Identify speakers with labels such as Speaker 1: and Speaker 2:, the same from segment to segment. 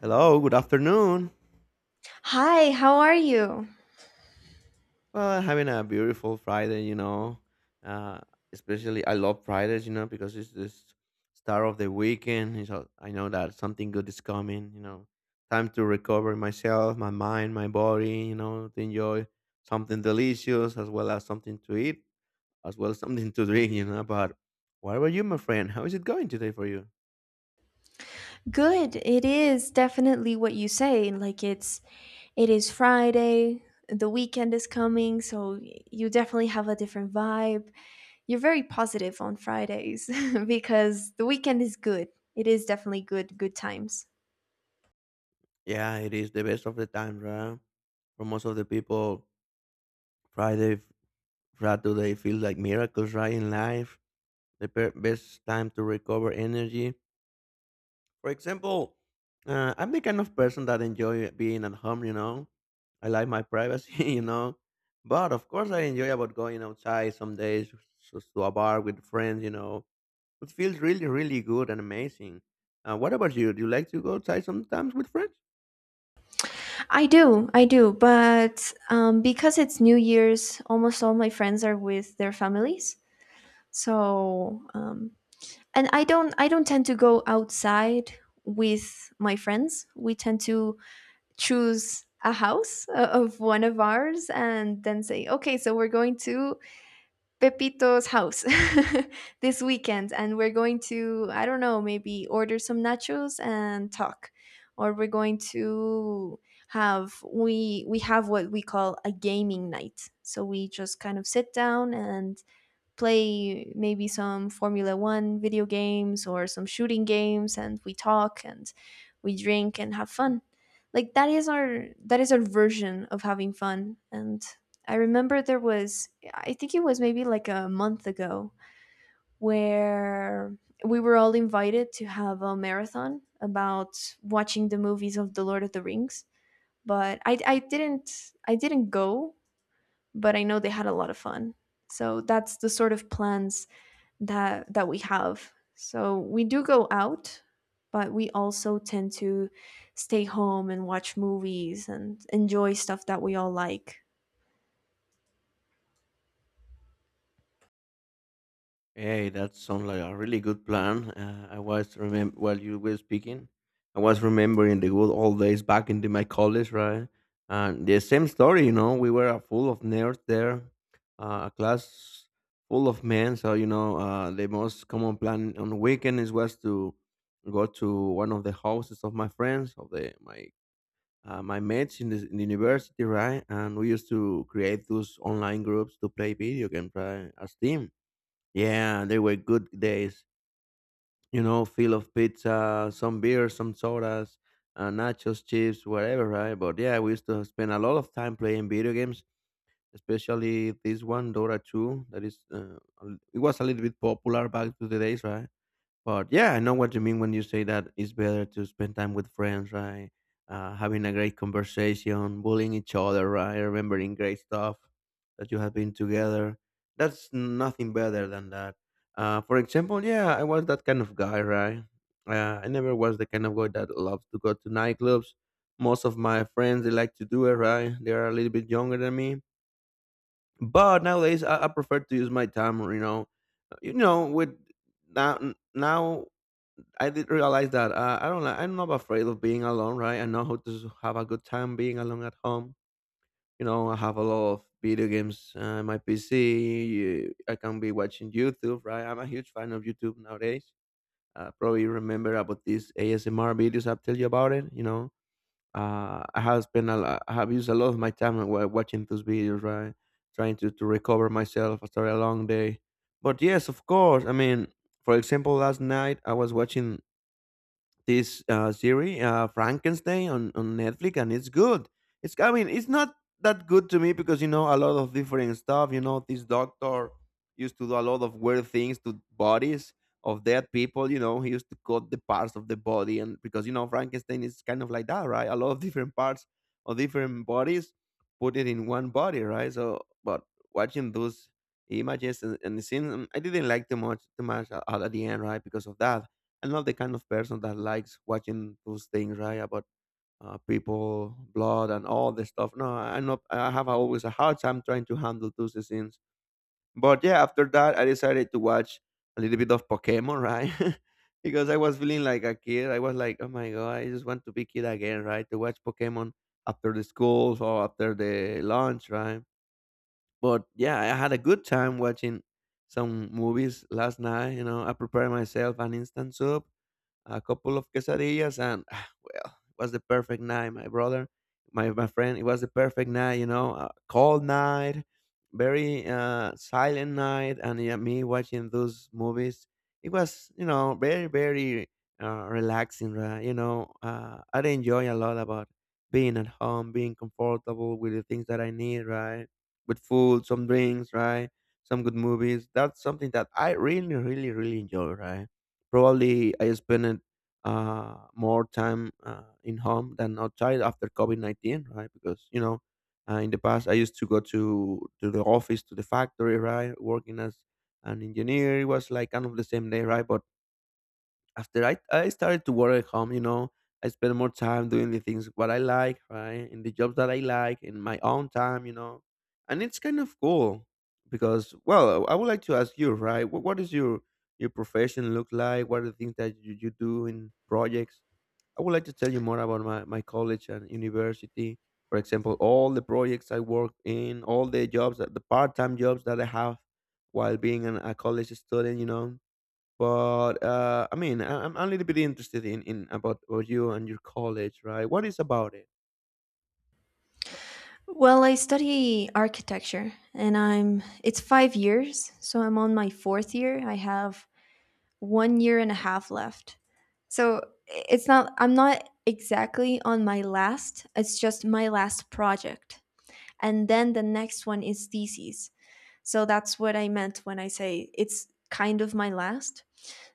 Speaker 1: Hello, good afternoon.
Speaker 2: Hi, how are you?
Speaker 1: Well, having a beautiful Friday, you know. Uh, especially, I love Fridays, you know, because it's this start of the weekend. And So I know that something good is coming, you know. Time to recover myself, my mind, my body, you know, to enjoy something delicious as well as something to eat, as well as something to drink, you know. But what about you, my friend? How is it going today for you?
Speaker 2: Good. It is definitely what you say. It is Friday, the weekend is coming, so you definitely have a different vibe. You're very positive on Fridays because the weekend is good. It is definitely good times.
Speaker 1: Yeah, it is the best of the time, right? For most of the people, Friday, what do they feel like miracles, right, in life? The best time to recover energy. For example, I'm the kind of person that enjoy being at home, you know. I like my privacy, you know. But of course, I enjoy about going outside some days to a bar with friends, you know. It feels really, really good and amazing. What about you? Do you like to go outside sometimes with friends?
Speaker 2: I do. I do, but because it's New Year's, almost all my friends are with their families. So, and I don't tend to go outside with my friends. We tend to choose a house of one of ours and then say, okay, so we're going to Pepito's house this weekend, and we're going to, I don't know, maybe order some nachos and talk, or we're going to have what we call a gaming night. So we just kind of sit down and play maybe some Formula One video games or some shooting games, and we talk and we drink and have fun. Like that is our version of having fun. And I remember there was, I think it was maybe like a month ago, where we were all invited to have a marathon about watching the movies of The Lord of the Rings. But I didn't go, but I know they had a lot of fun. So that's the sort of plans that we have. So we do go out, but we also tend to stay home and watch movies and enjoy stuff that we all like.
Speaker 1: Hey, that sounds like a really good plan. I was remember while you were speaking, I was remembering the good old days back in my college, right? And the same story, you know, we were a full of nerds there, a class full of men. So you know, the most common plan on weekends was to go to one of the houses of my friends, of the my my mates in the university, right? And we used to create those online groups to play video games, right, as team yeah, they were good days. You know, Fill of pizza, some beer, some sodas, nachos, chips, whatever, right? But yeah, we used to spend a lot of time playing video games, especially this one, Dora 2. That is, uh, it was a little bit popular back to the days, right? But yeah, I know what you mean when you say that it's better to spend time with friends, right? Having a great conversation, bullying each other, right? Remembering great stuff that you have been together. That's nothing better than that. For example, yeah, I was that kind of guy, right? I never was the kind of guy that loves to go to nightclubs. Most of my friends, they like to do it, right? They are a little bit younger than me. But nowadays, I prefer to use my time, you know, with now now I did realize that I don't. Li- I'm not afraid of being alone, right? I know how to have a good time being alone at home. You know, I have a lot of video games on my PC. I can be watching YouTube, right? I'm a huge fan of YouTube nowadays. Probably you remember about these ASMR videos I've tell you about it. You know, I have used a lot of my time watching those videos, right? Trying to recover myself after a long day. But yes, of course. I mean, for example, last night I was watching this series, Frankenstein, on Netflix, and it's good. It's I mean, it's not that good to me because you know a lot of different stuff. You know, this doctor used to do a lot of weird things to bodies of dead people. You know, he used to cut the parts of the body, and because you know Frankenstein is kind of like that, right? A lot of different parts of different bodies, put it in one body, right? So, but watching those images and scenes, I didn't like too much at the end, right? Because of that I'm not the kind of person that likes watching those things, right? About people, blood, and all this stuff. No, I am not. I have always a hard time trying to handle those scenes. But yeah, after that, I decided to watch a little bit of Pokemon, right? Because I was feeling like a kid. I was like, oh my god, I just want to be kid again, right? To watch Pokemon after the schools or after the lunch, right? But yeah, I had a good time watching some movies last night. You know, I prepared myself an instant soup, a couple of quesadillas, and ah, well, it was the perfect night, my brother, my friend. It was the perfect night, you know, a cold night, very silent night, and yeah, me watching those movies. It was, you know, very, very relaxing, right? You know, I enjoy a lot about being at home, being comfortable with the things that I need, right? With food, some drinks, right? Some good movies. That's something that I really, really, really enjoy, right? Probably I spent more time in home than outside after COVID 19, right? Because you know, in the past I used to go to the office, to the factory, right, working as an engineer. It was like kind of the same day, right? But after I started to work at home, you know, I spend more time doing the things what I like, right? In the jobs that I like, in my own time, you know. And it's kind of cool because well, I would like to ask you, right? What is your profession look like? What are the things that you do in projects? I would like to tell you more about my college and university. For example, all the projects I work in, all the jobs, that the part-time jobs that I have while being a college student, you know, but I'm a little bit interested about you and your college, right? What is about it?
Speaker 2: Well, I study architecture, and I'm it's 5 years, so I'm on my 4th year. I have 1 year and a half left. So it's not I'm not exactly on my last, it's just my last project. And then the next one is thesis. So that's what I meant when I say it's kind of my last.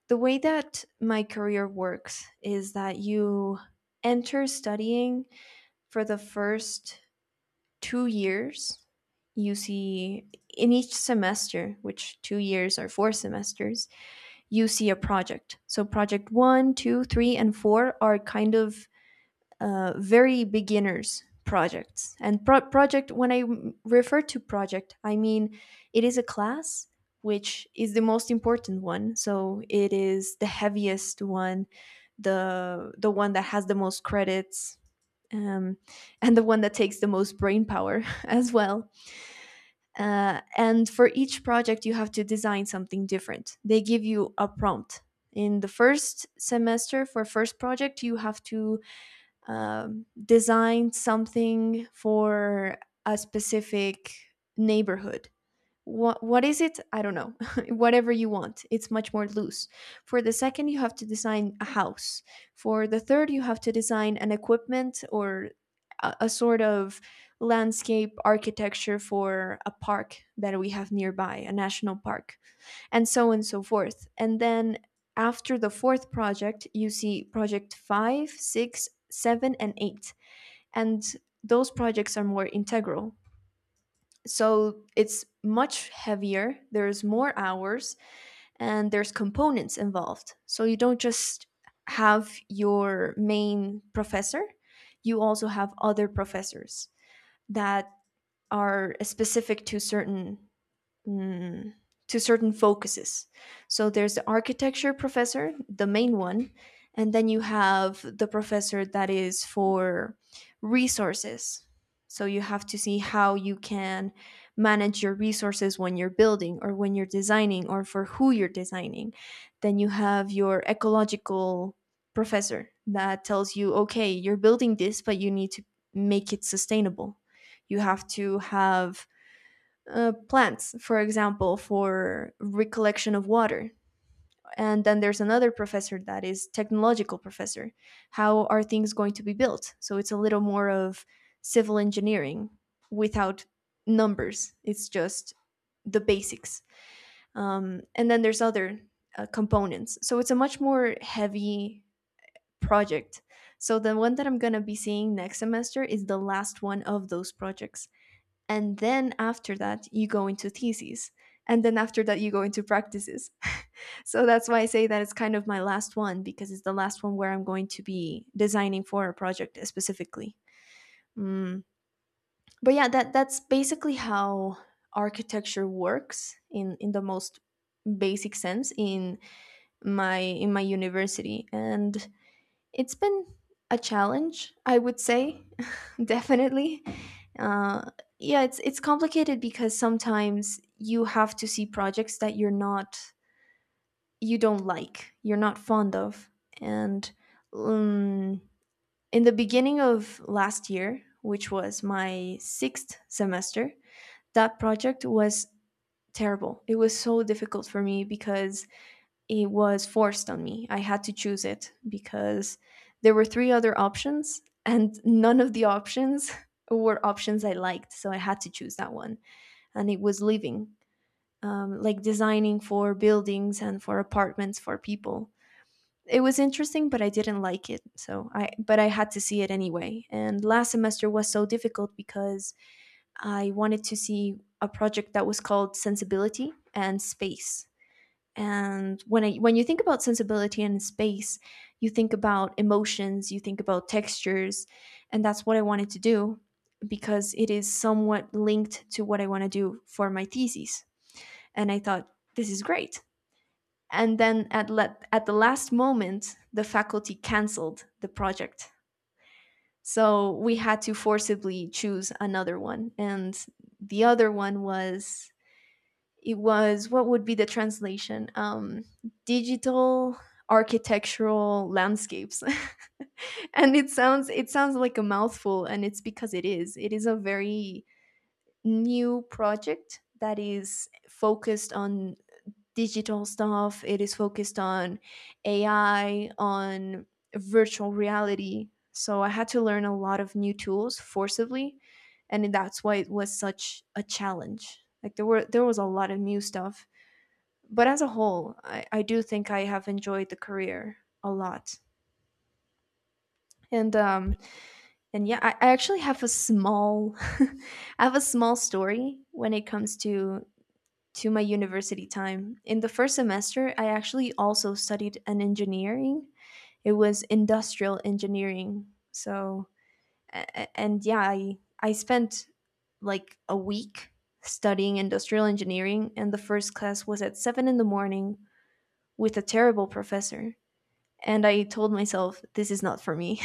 Speaker 2: The way that my career works is that you enter studying for the first 2 years. You see, in each semester, which 2 years are four semesters, you see a project. So project one, two, three, and four are kind of very beginners projects. And project, when I refer to project, I mean it is a class which is the most important one. So it is the heaviest one, the one that has the most credits, um, and the one that takes the most brain power as well. And for each project you have to design something different. They give you a prompt. In the first semester, for first project, you have to design something for a specific neighborhood. What is it? I don't know. Whatever you want. It's much more loose. For the second, you have to design a house. For the third, you have to design an equipment or a sort of landscape architecture for a park that we have nearby, a national park, and so on and so forth. And then after the fourth project, you see project five, six, seven, and eight. And those projects are more integral. So it's much heavier, there's more hours, and there's components involved. So you don't just have your main professor, you also have other professors that are specific to certain mm, to certain focuses. So there's the architecture professor, the main one, and then you have the professor that is for resources. So you have to see how you can manage your resources when you're building or when you're designing or for who you're designing. Then you have your ecological professor that tells you, okay, you're building this, but you need to make it sustainable. You have to have plants, for example, for recollection of water. And then there's another professor that is technological professor. How are things going to be built? So it's a little more of civil engineering without numbers. It's just the basics. And then there's other components. So it's a much more heavy project. So the one that I'm gonna be seeing next semester is the last one of those projects, and then after that you go into theses, and then after that you go into practices. So that's why I say that it's kind of my last one, because it's the last one where I'm going to be designing for a project specifically. Mm. But yeah, that's basically how architecture works in the most basic sense in my university. And it's been a challenge, I would say, definitely. Uh, yeah, it's complicated because sometimes you have to see projects that you don't like, you're not fond of, and um, in the beginning of last year, which was my sixth semester, that project was terrible. It was so difficult for me because it was forced on me. I had to choose it because there were three other options, and none of the options were options I liked. So I had to choose that one. And it was living, like designing for buildings and for apartments for people. It was interesting, but I didn't like it. So I, but I had to see it anyway. And last semester was so difficult because I wanted to see a project that was called Sensibility and Space. And when you think about sensibility and space, you think about emotions, you think about textures, and that's what I wanted to do, because it is somewhat linked to what I want to do for my thesis. And I thought, this is great. And then at the last moment the faculty canceled the project, so we had to forcibly choose another one. And the other one was, it was what would be the translation, digital architectural landscapes. And it sounds like a mouthful, and it's because it is. It is a very new project that is focused on digital stuff. It is focused on AI, on virtual reality. So I had to learn a lot of new tools forcibly, and that's why it was such a challenge. Like there was a lot of new stuff. But as a whole, I do think I have enjoyed the career a lot. And and yeah, I actually have a small I have a small story when it comes to my university time. In the first semester, I actually also studied an engineering. It was industrial engineering. So and yeah, I spent like a week studying industrial engineering, and the first class was at 7 in the morning with a terrible professor, and I told myself, this is not for me.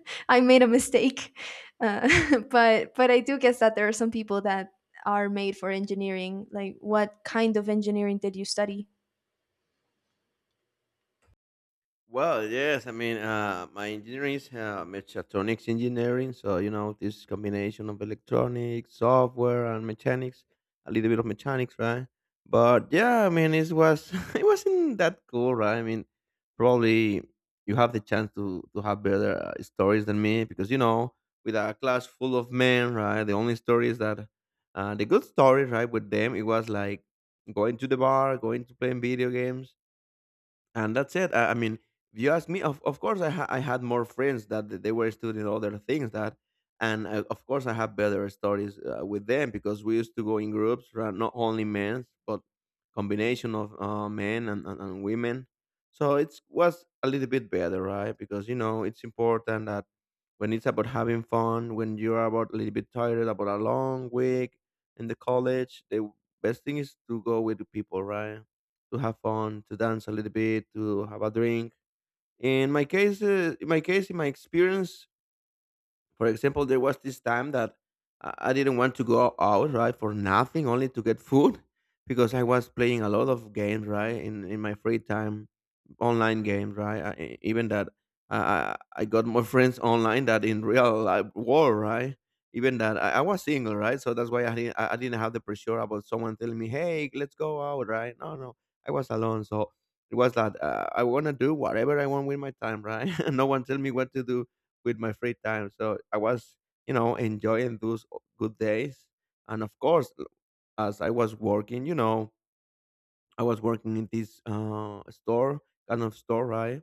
Speaker 2: I made a mistake, uh, but I do guess that there are some people that are made for engineering. Like, what kind of engineering did you study?
Speaker 1: Well, yes. I mean, my engineering is mechatronics engineering. So, you know, this combination of electronics, software, and mechanics, a little bit of mechanics, right? But yeah, I mean, it was it wasn't that cool, right? I mean, probably you have the chance to have better stories than me because you know, with a class full of men, right? The good stories, right, with them, it was like going to the bar, going to playing video games and that's it. I mean, if you ask me, of course, I had more friends that they were studying other things, and I, of course, I have better stories with them because we used to go in groups, right? Not only men, but combination of men and women. So it was a little bit better, right? Because you know it's important that when it's about having fun, when you're about a little bit tired about a long week in the college, the best thing is to go with the people, right? To have fun, to dance a little bit, to have a drink. In my case, in my experience, for example, there was this time that I didn't want to go out, right, for nothing, only to get food, because I was playing a lot of games, right, in my free time, online games, right? Even that I, I I got more friends online than in real life world, right? Even that I was single, right? So that's why I didn't have the pressure about someone telling me, "Hey, let's go out," right? No, no, I was alone, so it was that I want to do whatever I want with my time, right? No one tell me what to do with my free time. So I was, you know, enjoying those good days. And of course, as I was working, you know, I was working in this store, kind of store, right?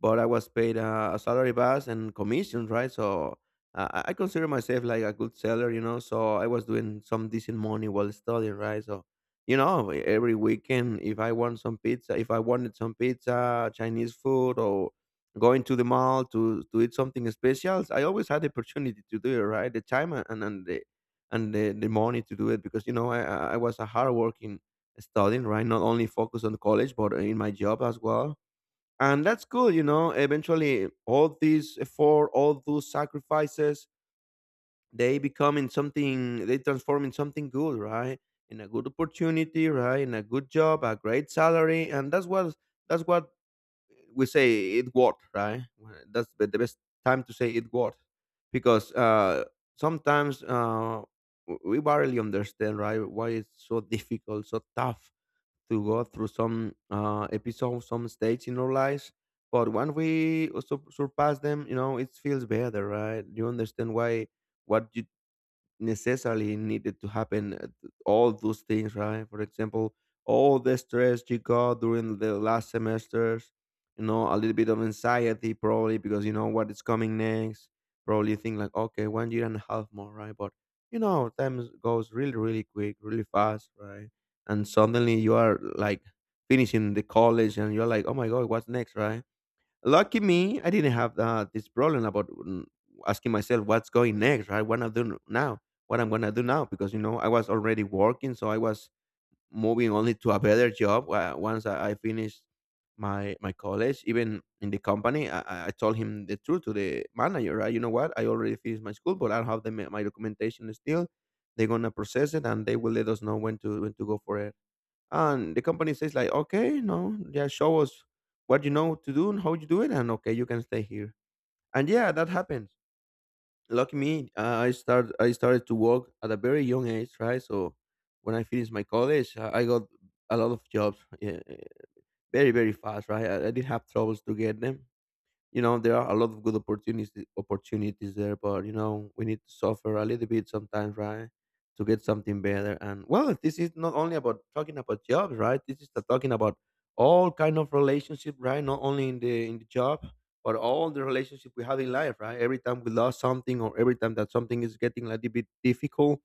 Speaker 1: But I was paid a salary base and commission, right? So I consider myself like a good seller, you know. So I was doing some decent money while studying, right? So you know, every weekend if I want some pizza, if I wanted some pizza, Chinese food, or going to the mall to eat something special, I always had the opportunity to do it, right? The time and the money to do it because you know I was a hardworking studying, right? Not only focus on college, but in my job as well, and that's good. Eventually, all these effort, all those sacrifices, they become in something, they transform in something good, right? In a good opportunity, right? In a good job, a great salary, and that's what we say it worked, right? Well, that's the best time to say it worked, because sometimes we barely understand, right, why it's so difficult, so tough, to go through some episodes, some stages in our lives. But when we surpass them, you know, it feels better, right? You understand why what you necessarily needed to happen, all those things, right? For example, all the stress you got during the last semesters, you know, a little bit of anxiety, probably because you know what is coming next. Probably you think like, okay, one year and a half more, right? But you know, time goes really, really quick, really fast, right? And suddenly you are like finishing the college, and you're like, oh my god, what's next, right? Lucky me, I didn't have this problem about, asking myself what's going next, right? What I am doing now, what I'm gonna do now, because you know, I was already working, so I was moving only to a better job. Once I finished my college, even in the company, I told him the truth to the manager, right? You know what? I already finished my school, but I don't have my documentation still. They're gonna process it, and they will let us know when to go for it. And the company says like, okay, no, yeah, show us what you know to do and how you do it, and okay, you can stay here. And yeah, that happens. Lucky me, I started to work at a very young age, right? So when I finished my college, I got a lot of jobs, yeah, very fast, right? I did have troubles to get them. You know, there are a lot of good opportunities there, but you know, we need to suffer a little bit sometimes, right? To get something better. And well, this is not only about talking about jobs, right? This is the talking about all kind of relationship, right? Not only in the job, but all the relationship we have in life, right? Every time we lost something, or every time that something is getting a little bit difficult,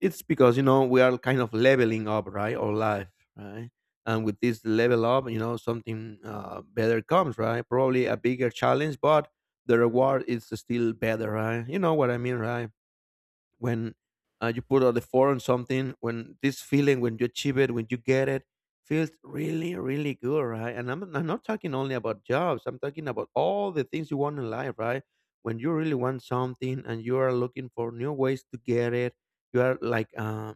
Speaker 1: it's because, you know, we are kind of leveling up, right, our life, right, and with this level up, you know, something better comes, right? Probably a bigger challenge, but the reward is still better, right? You know what I mean, right? When you put all the effort on something, when this feeling, when you achieve it, when you get it, feels really, really good, right? And I'm not talking only about jobs. I'm talking about all the things you want in life, right? When you really want something and you are looking for new ways to get it, you are like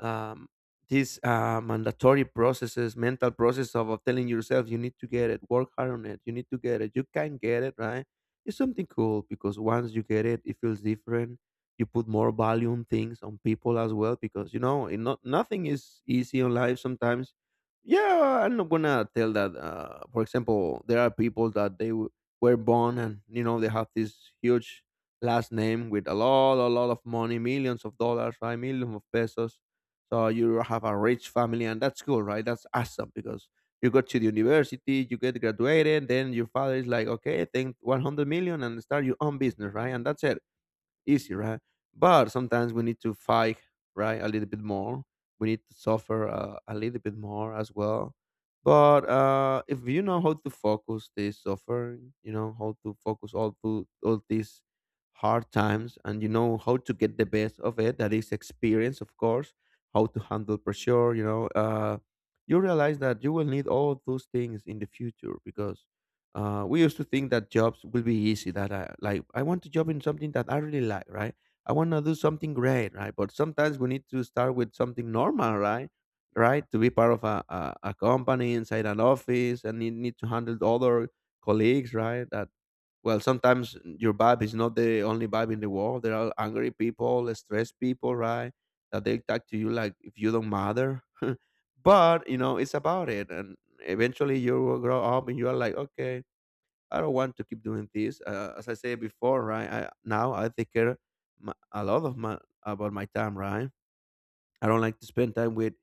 Speaker 1: um, these mandatory processes, mental process of telling yourself you need to get it, work hard on it, you need to get it, you can get it, right? It's something cool, because once you get it, it feels different. You put more value on things, on people as well, because you know, it not nothing is easy in life. Sometimes, yeah, I'm not gonna tell that. For example, there are people that were born, and you know, they have this huge last name with a lot of money, millions of dollars, right, millions of pesos, so you have a rich family, and that's cool, right? That's awesome, because you go to the university, you get graduated, then your father is like, okay, think 100 million and start your own business, right? And that's it, easy, right? But sometimes we need to fight, right, a little bit more. We need to suffer a little bit more as well. But if you know how to focus this suffering, you know how to focus all these hard times, and you know how to get the best of it. That is experience, of course. How to handle pressure, you know. You realize that you will need all those things in the future, because we used to think that jobs will be easy. That I like, I want to job in something that I really like, right? I want to do something great, right? But sometimes we need to start with something normal, right? Right? To be part of a company inside an office, and you need to handle the other colleagues, right? That, well, sometimes your vibe is not the only vibe in the world. There are angry people, stressed people, right? That they talk to you like if you don't matter. But you know, it's about it, and eventually you will grow up, and you are like, okay. I don't want to keep doing this. As I said before, right? Now I take care my, a lot of my about my time, right? I don't like to spend time with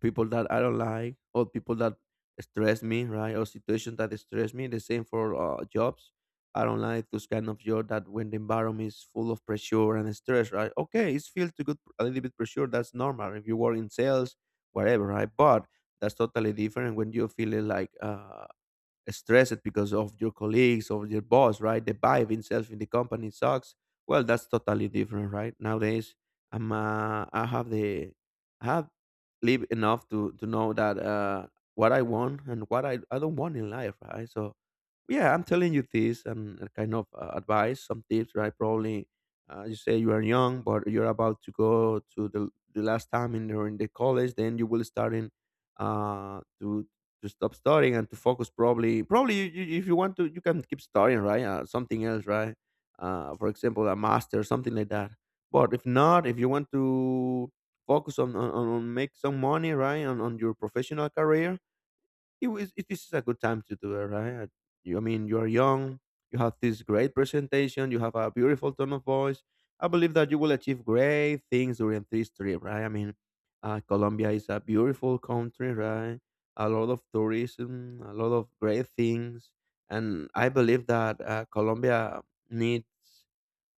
Speaker 1: people that I don't like, or people that stress me, right? Or situations that stress me. The same for jobs. I don't like those kind of job that when the environment is full of pressure and stress, right? Okay, it's feel too good a little bit pressure. That's normal if you work in sales, whatever, right? But that's totally different when you feel it like stressed because of your colleagues or your boss, right? The vibe itself in the company sucks. Well, that's totally different, right? Nowadays, I'm uh, I have the I have lived enough to know that, what I want and what I don't want in life, right? So yeah, I'm telling you this and kind of advice, some tips, right? Probably you say you are young, but you're about to go to the last time in the college. Then you will start in uh, to to stop studying and to focus. Probably, probably if you want to, you can keep studying, right? Something else, right? For example, a master, something like that. But if not, if you want to focus on make some money, right, on your professional career, is a good time to do it, right? I mean, you are young, you have this great presentation, you have a beautiful tone of voice. I believe that you will achieve great things during this trip, right? I mean, Colombia is a beautiful country, right? A lot of tourism, a lot of great things. And I believe that, Colombia needs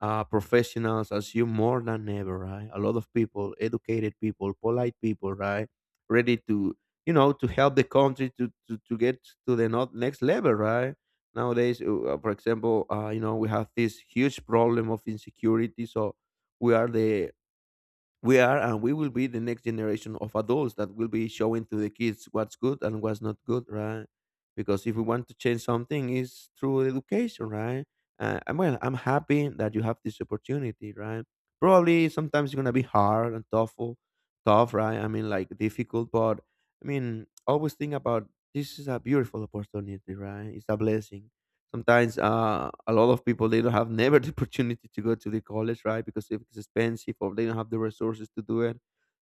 Speaker 1: professionals assume more than ever, right? A lot of people, educated people, polite people, right? Ready to, you know, to help the country to get to the, not next level, right? Nowadays, for example, you know, we have this huge problem of insecurity. So we are the we are, and we will be, the next generation of adults that will be showing to the kids what's good and what's not good, right? Because if we want to change something, it's through education, right? And well, I'm happy that you have this opportunity, right? Probably sometimes it's going to be hard and tough, right? I mean, like difficult. But I mean, always think about, this is a beautiful opportunity, right? It's a blessing. Sometimes a lot of people, they don't have never the opportunity to go to the college, right? Because if it's expensive, or they don't have the resources to do it,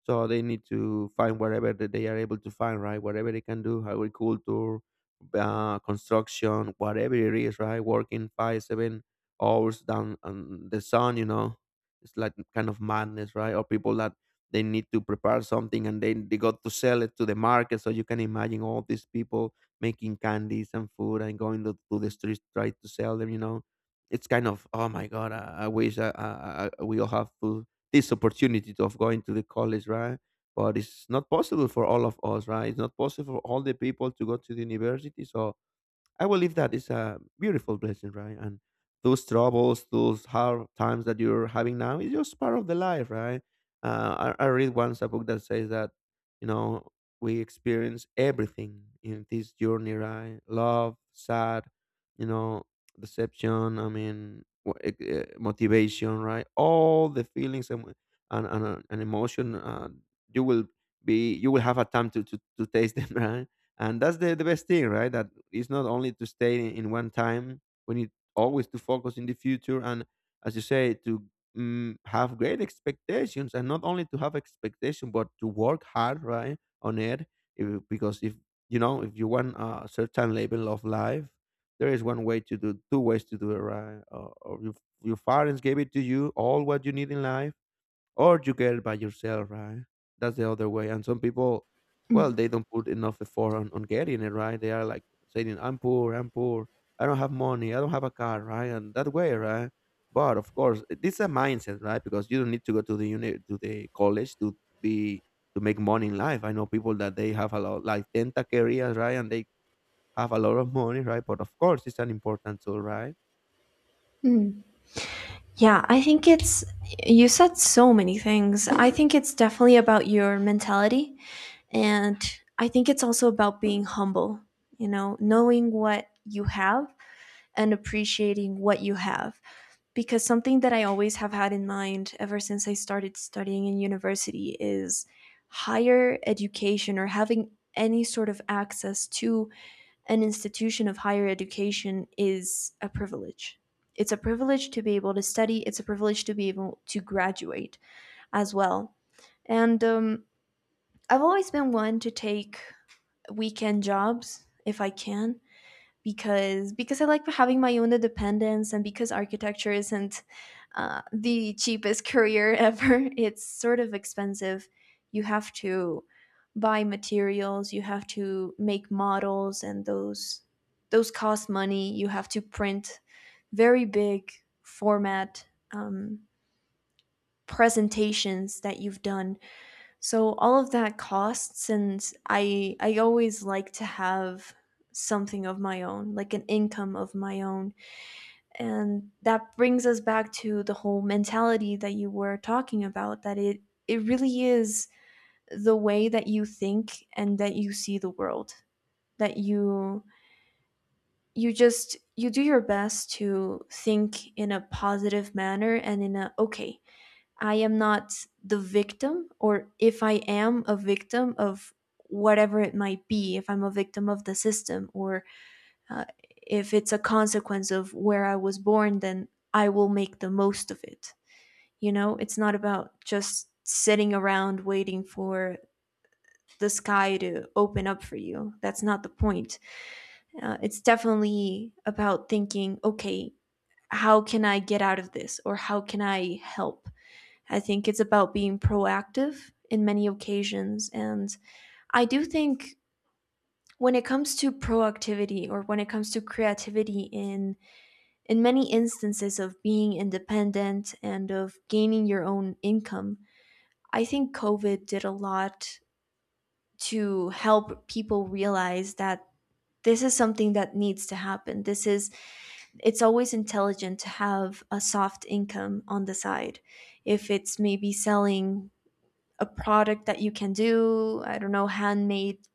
Speaker 1: so they need to find whatever that they are able to find, right? Whatever they can do. Agriculture, construction, whatever it is, right? Working 5-7 hours down on the sun, you know, it's like kind of madness, right? Or people that they need to prepare something and then they got to sell it to the market. So you can imagine all these people making candies and food and going to the streets, try to sell them, you know. It's kind of, oh my god, I wish we all have to this opportunity to, of going to the college, right? But it's not possible for all of us, right? It's not possible for all the people to go to the university. So I believe that is a beautiful blessing, right? And those troubles, those hard times that you're having now is just part of the life, right? I read once a book that says that, you know, we experience everything in this journey, right? Love, sad, you know, deception, I mean, motivation, right? All the feelings and emotion, you will be, you will have a time to taste them, right? And that's the best thing, right? That it's not only to stay in, one time. We need always to focus in the future, and as you say, to have great expectations and not only to have expectation but to work hard, right, on it. Because if you know, if you want a certain level of life, there is one way to do, two ways to do it, right? Or, your parents gave it to you all what you need in life, or you get it by yourself, right? That's the other way. And some people, well, they don't put enough effort on, getting it, right? They are like saying, "I'm poor, I'm poor, I don't have money, I don't have a car," right? And that way, right? But of course, it's a mindset, right? Because you don't need to go to the uni, to the college to be, to make money in life. I know people that they have a lot, like 10 careers, right? And they have a lot of money, right? But of course, it's an important tool, right?
Speaker 2: Yeah, I think it's, you said so many things. I think it's definitely about your mentality, and I think it's also about being humble. You know, knowing what you have and appreciating what you have. Because something that I always have had in mind ever since I started studying in university is higher education, or having any sort of access to an institution of higher education, is a privilege. It's a privilege to be able to study, it's a privilege to be able to graduate as well. And I've always been one to take weekend jobs if I can, because I like having my own independence, and because architecture isn't the cheapest career ever. It's sort of expensive. You have to buy materials, you have to make models, and those cost money. You have to print very big format um, presentations that you've done. So all of that costs, and I always like to have something of my own, like an income of my own. And that brings us back to the whole mentality that you were talking about, that it really is the way that you think and that you see the world. That you just, you do your best to think in a positive manner, and in a, okay, I am not the victim, or if I am a victim of whatever it might be, if I'm a victim of the system, or uh, if it's a consequence of where I was born, then I will make the most of it. You know, it's not about just sitting around waiting for the sky to open up for you. That's not the point. It's definitely about thinking, okay, how can I get out of this, or how can I help? I think it's about being proactive in many occasions. And I do think, when it comes to proactivity, or when it comes to creativity, in many instances of being independent and of gaining your own income, I think COVID did a lot to help people realize that this is something that needs to happen. This is it's always intelligent to have a soft income on the side. If it's maybe selling a product that you can do, I don't know, handmade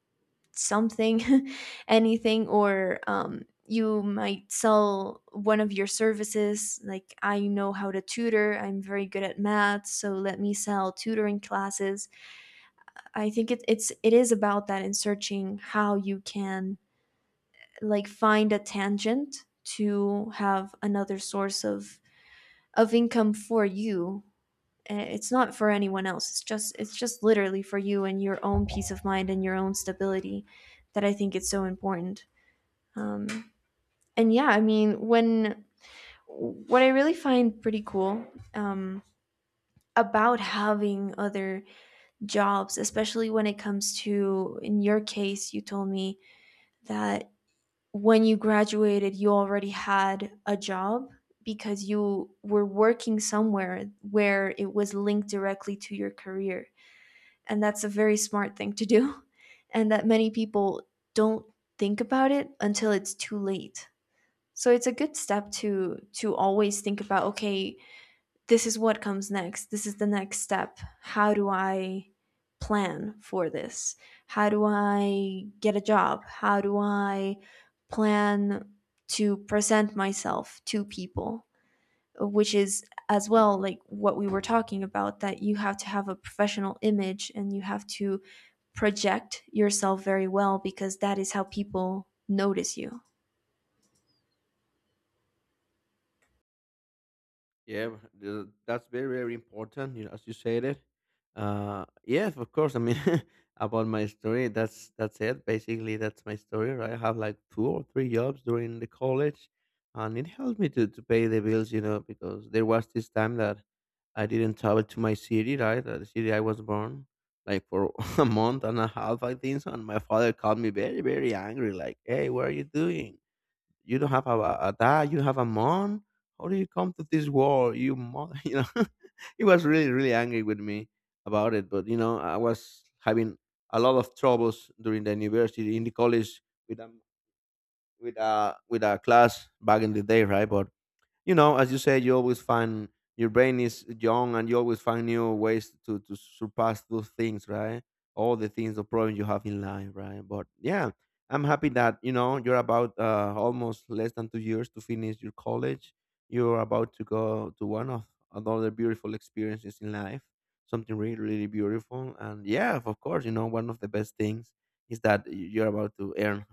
Speaker 2: something anything or you might sell one of your services. Like, I know how to tutor, I'm very good at math, so let me sell tutoring classes. I think it is about that, in searching how you can like find a tangent to have another source of income for you. It's not for anyone else. It's just literally for you and your own peace of mind and your own stability that I think it's so important. Um, and yeah, I mean, when what I really find pretty cool um, about having other jobs, especially when it comes to, in your case, you told me that when you graduated, you already had a job because you were working somewhere where it was linked directly to your career. And that's a very smart thing to do. And that many people don't think about it until it's too late. So it's a good step to always think about, okay, this is what comes next. This is the next step. How do I plan for this? How do I get a job? How do I plan to present myself to people? Which is as well like what we were talking about, that you have to have a professional image and you have to project yourself very well, because that is how people notice you.
Speaker 1: Yeah, but that's very, very important, you know, as you said it. Yes, of course. I mean, about my story, that's it. Basically, that's my story, right? I have like two or three jobs during the college, and it helped me to pay the bills, you know, because there was this time that I didn't travel to my city, right? The city I was born, like for a month and a half, I think. And my father called me very, very angry, like, "Hey, what are you doing? You don't have a dad, you don't have a mom. How do you come to this world? You mother," you know. He was really, really angry with me about it. But you know, I was having a lot of troubles during the university, in the college, with um with a class back in the day, right? But you know, as you said, you always find, your brain is young and you always find new ways to surpass those things, right? All the things, the problems you have in life, right? But yeah, I'm happy that, you know, you're about almost less than 2 years to finish your college. You're about to go to one of, another beautiful experiences in life, something really, really beautiful. And yeah, of course, you know, one of the best things is that you're about to earn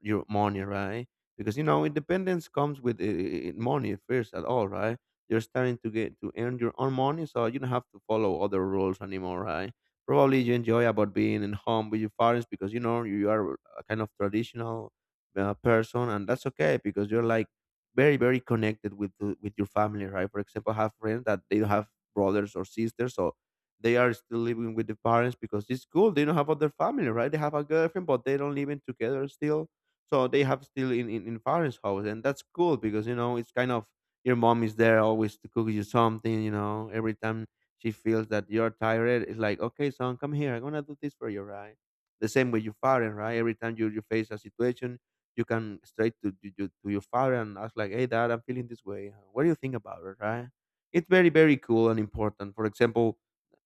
Speaker 1: your money, right? Because you know independence comes with money first at all, right? You're starting to get to earn your own money, so you don't have to follow other rules anymore, right? Probably you enjoy about being in home with your parents because you know you are a kind of traditional person, and that's okay because you're like very very connected with with your family, right? For example, I have friends that they don't have brothers or sisters, so they are still living with the parents because it's cool. They don't have other family, right? They have a girlfriend, but they don't living together still. So they have still in Farah's house, and that's cool because you know it's kind of, your mom is there always to cook you something. You know, every time she feels that you're tired, it's like, "Okay, son, come here. I'm gonna do this for you," right? The same with your father, right? Every time you, you face a situation, you can straight to your father and ask like, "Hey, dad, I'm feeling this way. What do you think about it," right? It's very very cool and important. For example,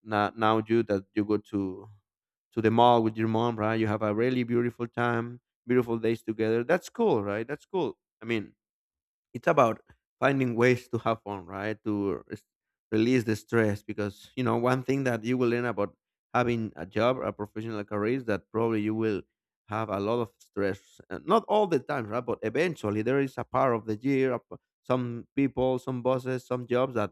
Speaker 1: now you that you go to the mall with your mom, right? You have a really beautiful time, beautiful days together. That's cool, right? That's cool. I mean, it's about finding ways to have fun, right? To release the stress because, you know, one thing that you will learn about having a job, or a professional career, is that probably you will have a lot of stress. Not all the time, right? But eventually there is a part of the year, some people, some bosses, some jobs that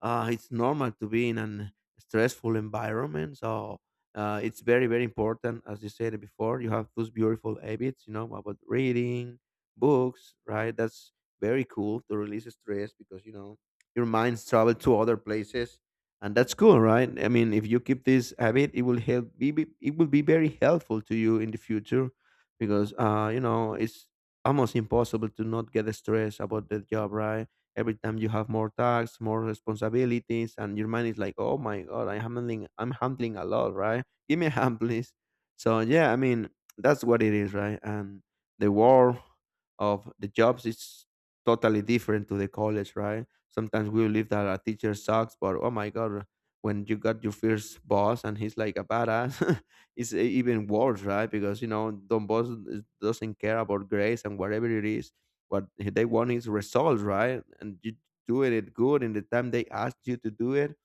Speaker 1: it's normal to be in a stressful environment. So it's very, very important, as you said before. You have those beautiful habits, you know, about reading books, right? That's very cool to release stress because you know your minds travel to other places, and that's cool, right? I mean, if you keep this habit, it will help. It will be very helpful to you in the future because you know it's almost impossible to not get stressed about the job, right? Every time you have more tasks, more responsibilities, and your mind is like, "Oh my god, I'm handling, I'm handling a lot," right? Give me a hand, please. So yeah, I mean, that's what it is, right? And the world of the jobs is totally different to the college, right? Sometimes we believe that a teacher sucks, but oh my god, when you got your first boss and he's like a badass, it's even worse, right? Because you know the boss doesn't care about grades and whatever it is. What they want is results, right? And you doing it good in the time they asked you to do it.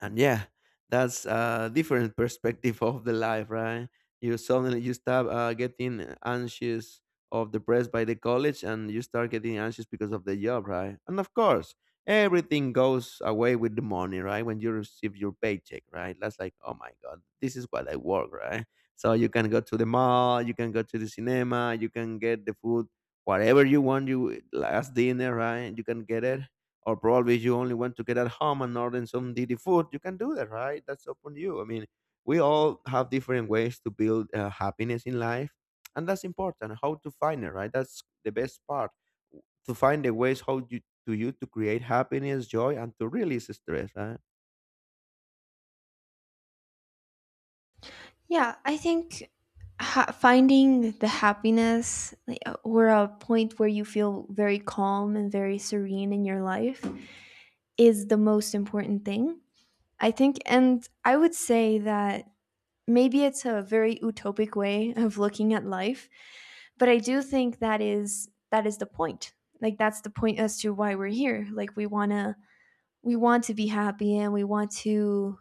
Speaker 1: And yeah, that's a different perspective of the life, right? You suddenly, you stop getting anxious or depressed by the college, and you start getting anxious because of the job, right? And of course, everything goes away with the money, right? When you receive your paycheck, right, that's like, "Oh my god, this is what I work," right? So you can go to the mall, you can go to the cinema, you can get the food, whatever you want, you last dinner, right, you can get it. Or probably you only want to get at home and order some DD food, you can do that, right? That's up on you. I mean, we all have different ways to build happiness in life, and that's important. How to find it, right? That's the best part, to find the ways how you, to you to create happiness, joy, and to release stress, right?
Speaker 2: Yeah, I think finding the happiness, like, or a point where you feel very calm and very serene in your life is the most important thing. I think, and I would say that maybe it's a very utopic way of looking at life, but I do think that is the point. Like, that's the point as to why we're here. Like, we want to be happy and we want to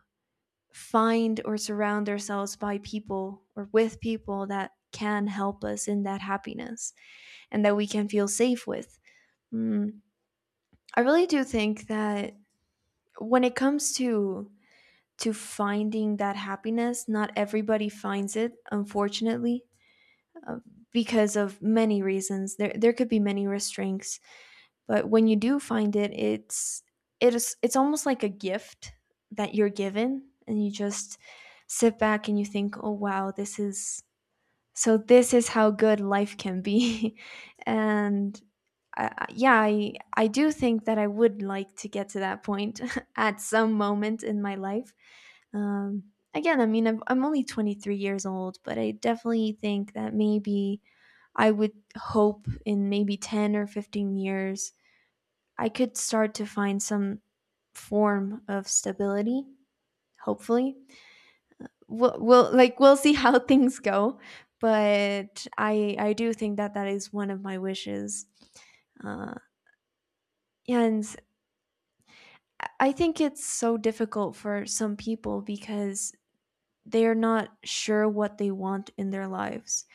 Speaker 2: find or surround ourselves by people, or with people that can help us in that happiness and that we can feel safe with. Mm, I really do think that when it comes to finding that happiness, not everybody finds it, unfortunately, uh, because of many reasons. There could be many restraints, but when you do find it, it's it's almost like a gift that you're given, and you just sit back and you think, oh wow, this is so this is how good life can be, and. I, yeah, I do think that I would like to get to that point at some moment in my life. Again, I mean, I'm only 23 years old, but I definitely think that maybe I would hope in maybe 10 or 15 years, I could start to find some form of stability, hopefully. We'll see how things go, but I do think that that is one of my wishes. Uh, and I think it's so difficult for some people because they're not sure what they want in their lives,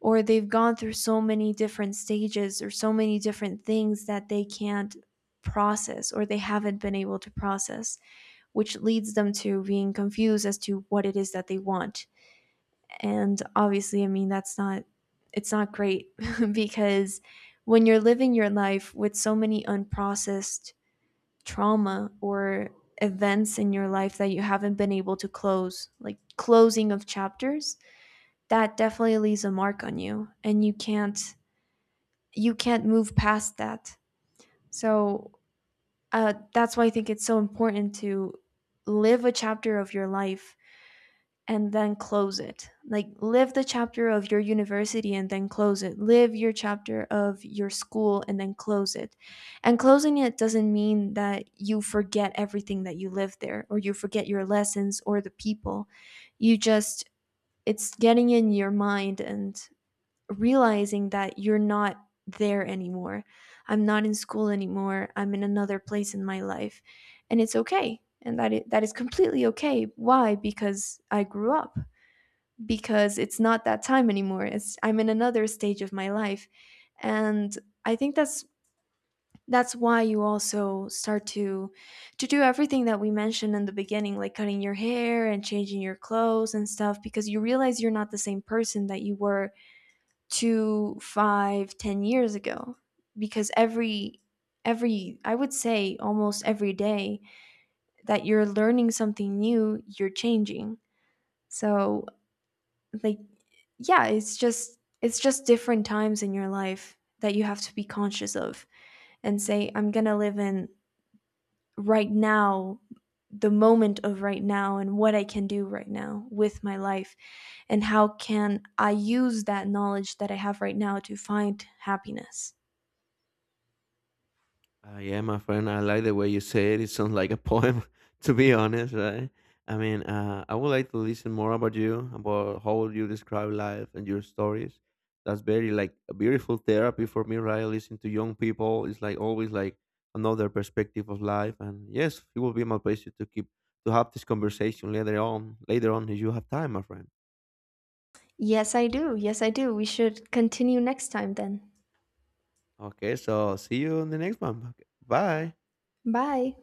Speaker 2: or they've gone through so many different stages or so many different things that they can't process, or they haven't been able to process, which leads them to being confused as to what it is that they want. And obviously, I mean, that's not, it's not great because when you're living your life with so many unprocessed trauma or events in your life that you haven't been able to close, like closing of chapters, that definitely leaves a mark on you. And you can't move past that. So that's why I think it's so important to live a chapter of your life and then close it. Like, live the chapter of your university and then close it. Live your chapter of your school and then close it. And closing it doesn't mean that you forget everything that you lived there, or you forget your lessons or the people. You just, it's getting in your mind and realizing that you're not there anymore. I'm not in school anymore. I'm in another place in my life, and it's okay. And that is completely okay. Why? Because I grew up. Because it's not that time anymore. It's I'm in another stage of my life, and I think that's why you also start to do everything that we mentioned in the beginning, like cutting your hair and changing your clothes and stuff, because you realize you're not the same person that you were 2, 5, 10 years ago. Because every, I would say almost every day that you're learning something new, you're changing. So, like, yeah, it's just different times in your life that you have to be conscious of and say, I'm gonna live in right now, the moment of right now, and what I can do right now with my life and how can I use that knowledge that I have right now to find happiness.
Speaker 1: Yeah, my friend, I like the way you say it. It sounds like a poem, to be honest, right? I mean, I would like to listen more about you, about how you describe life and your stories. That's very like a beautiful therapy for me, right? Listen to young people. It's like always like another perspective of life. And yes, it will be my pleasure to keep to have this conversation later on. Later on, if you have time, my friend.
Speaker 2: Yes, I do. Yes, I do. We should continue next time then.
Speaker 1: Okay, so see you in the next one. Okay, bye.
Speaker 2: Bye.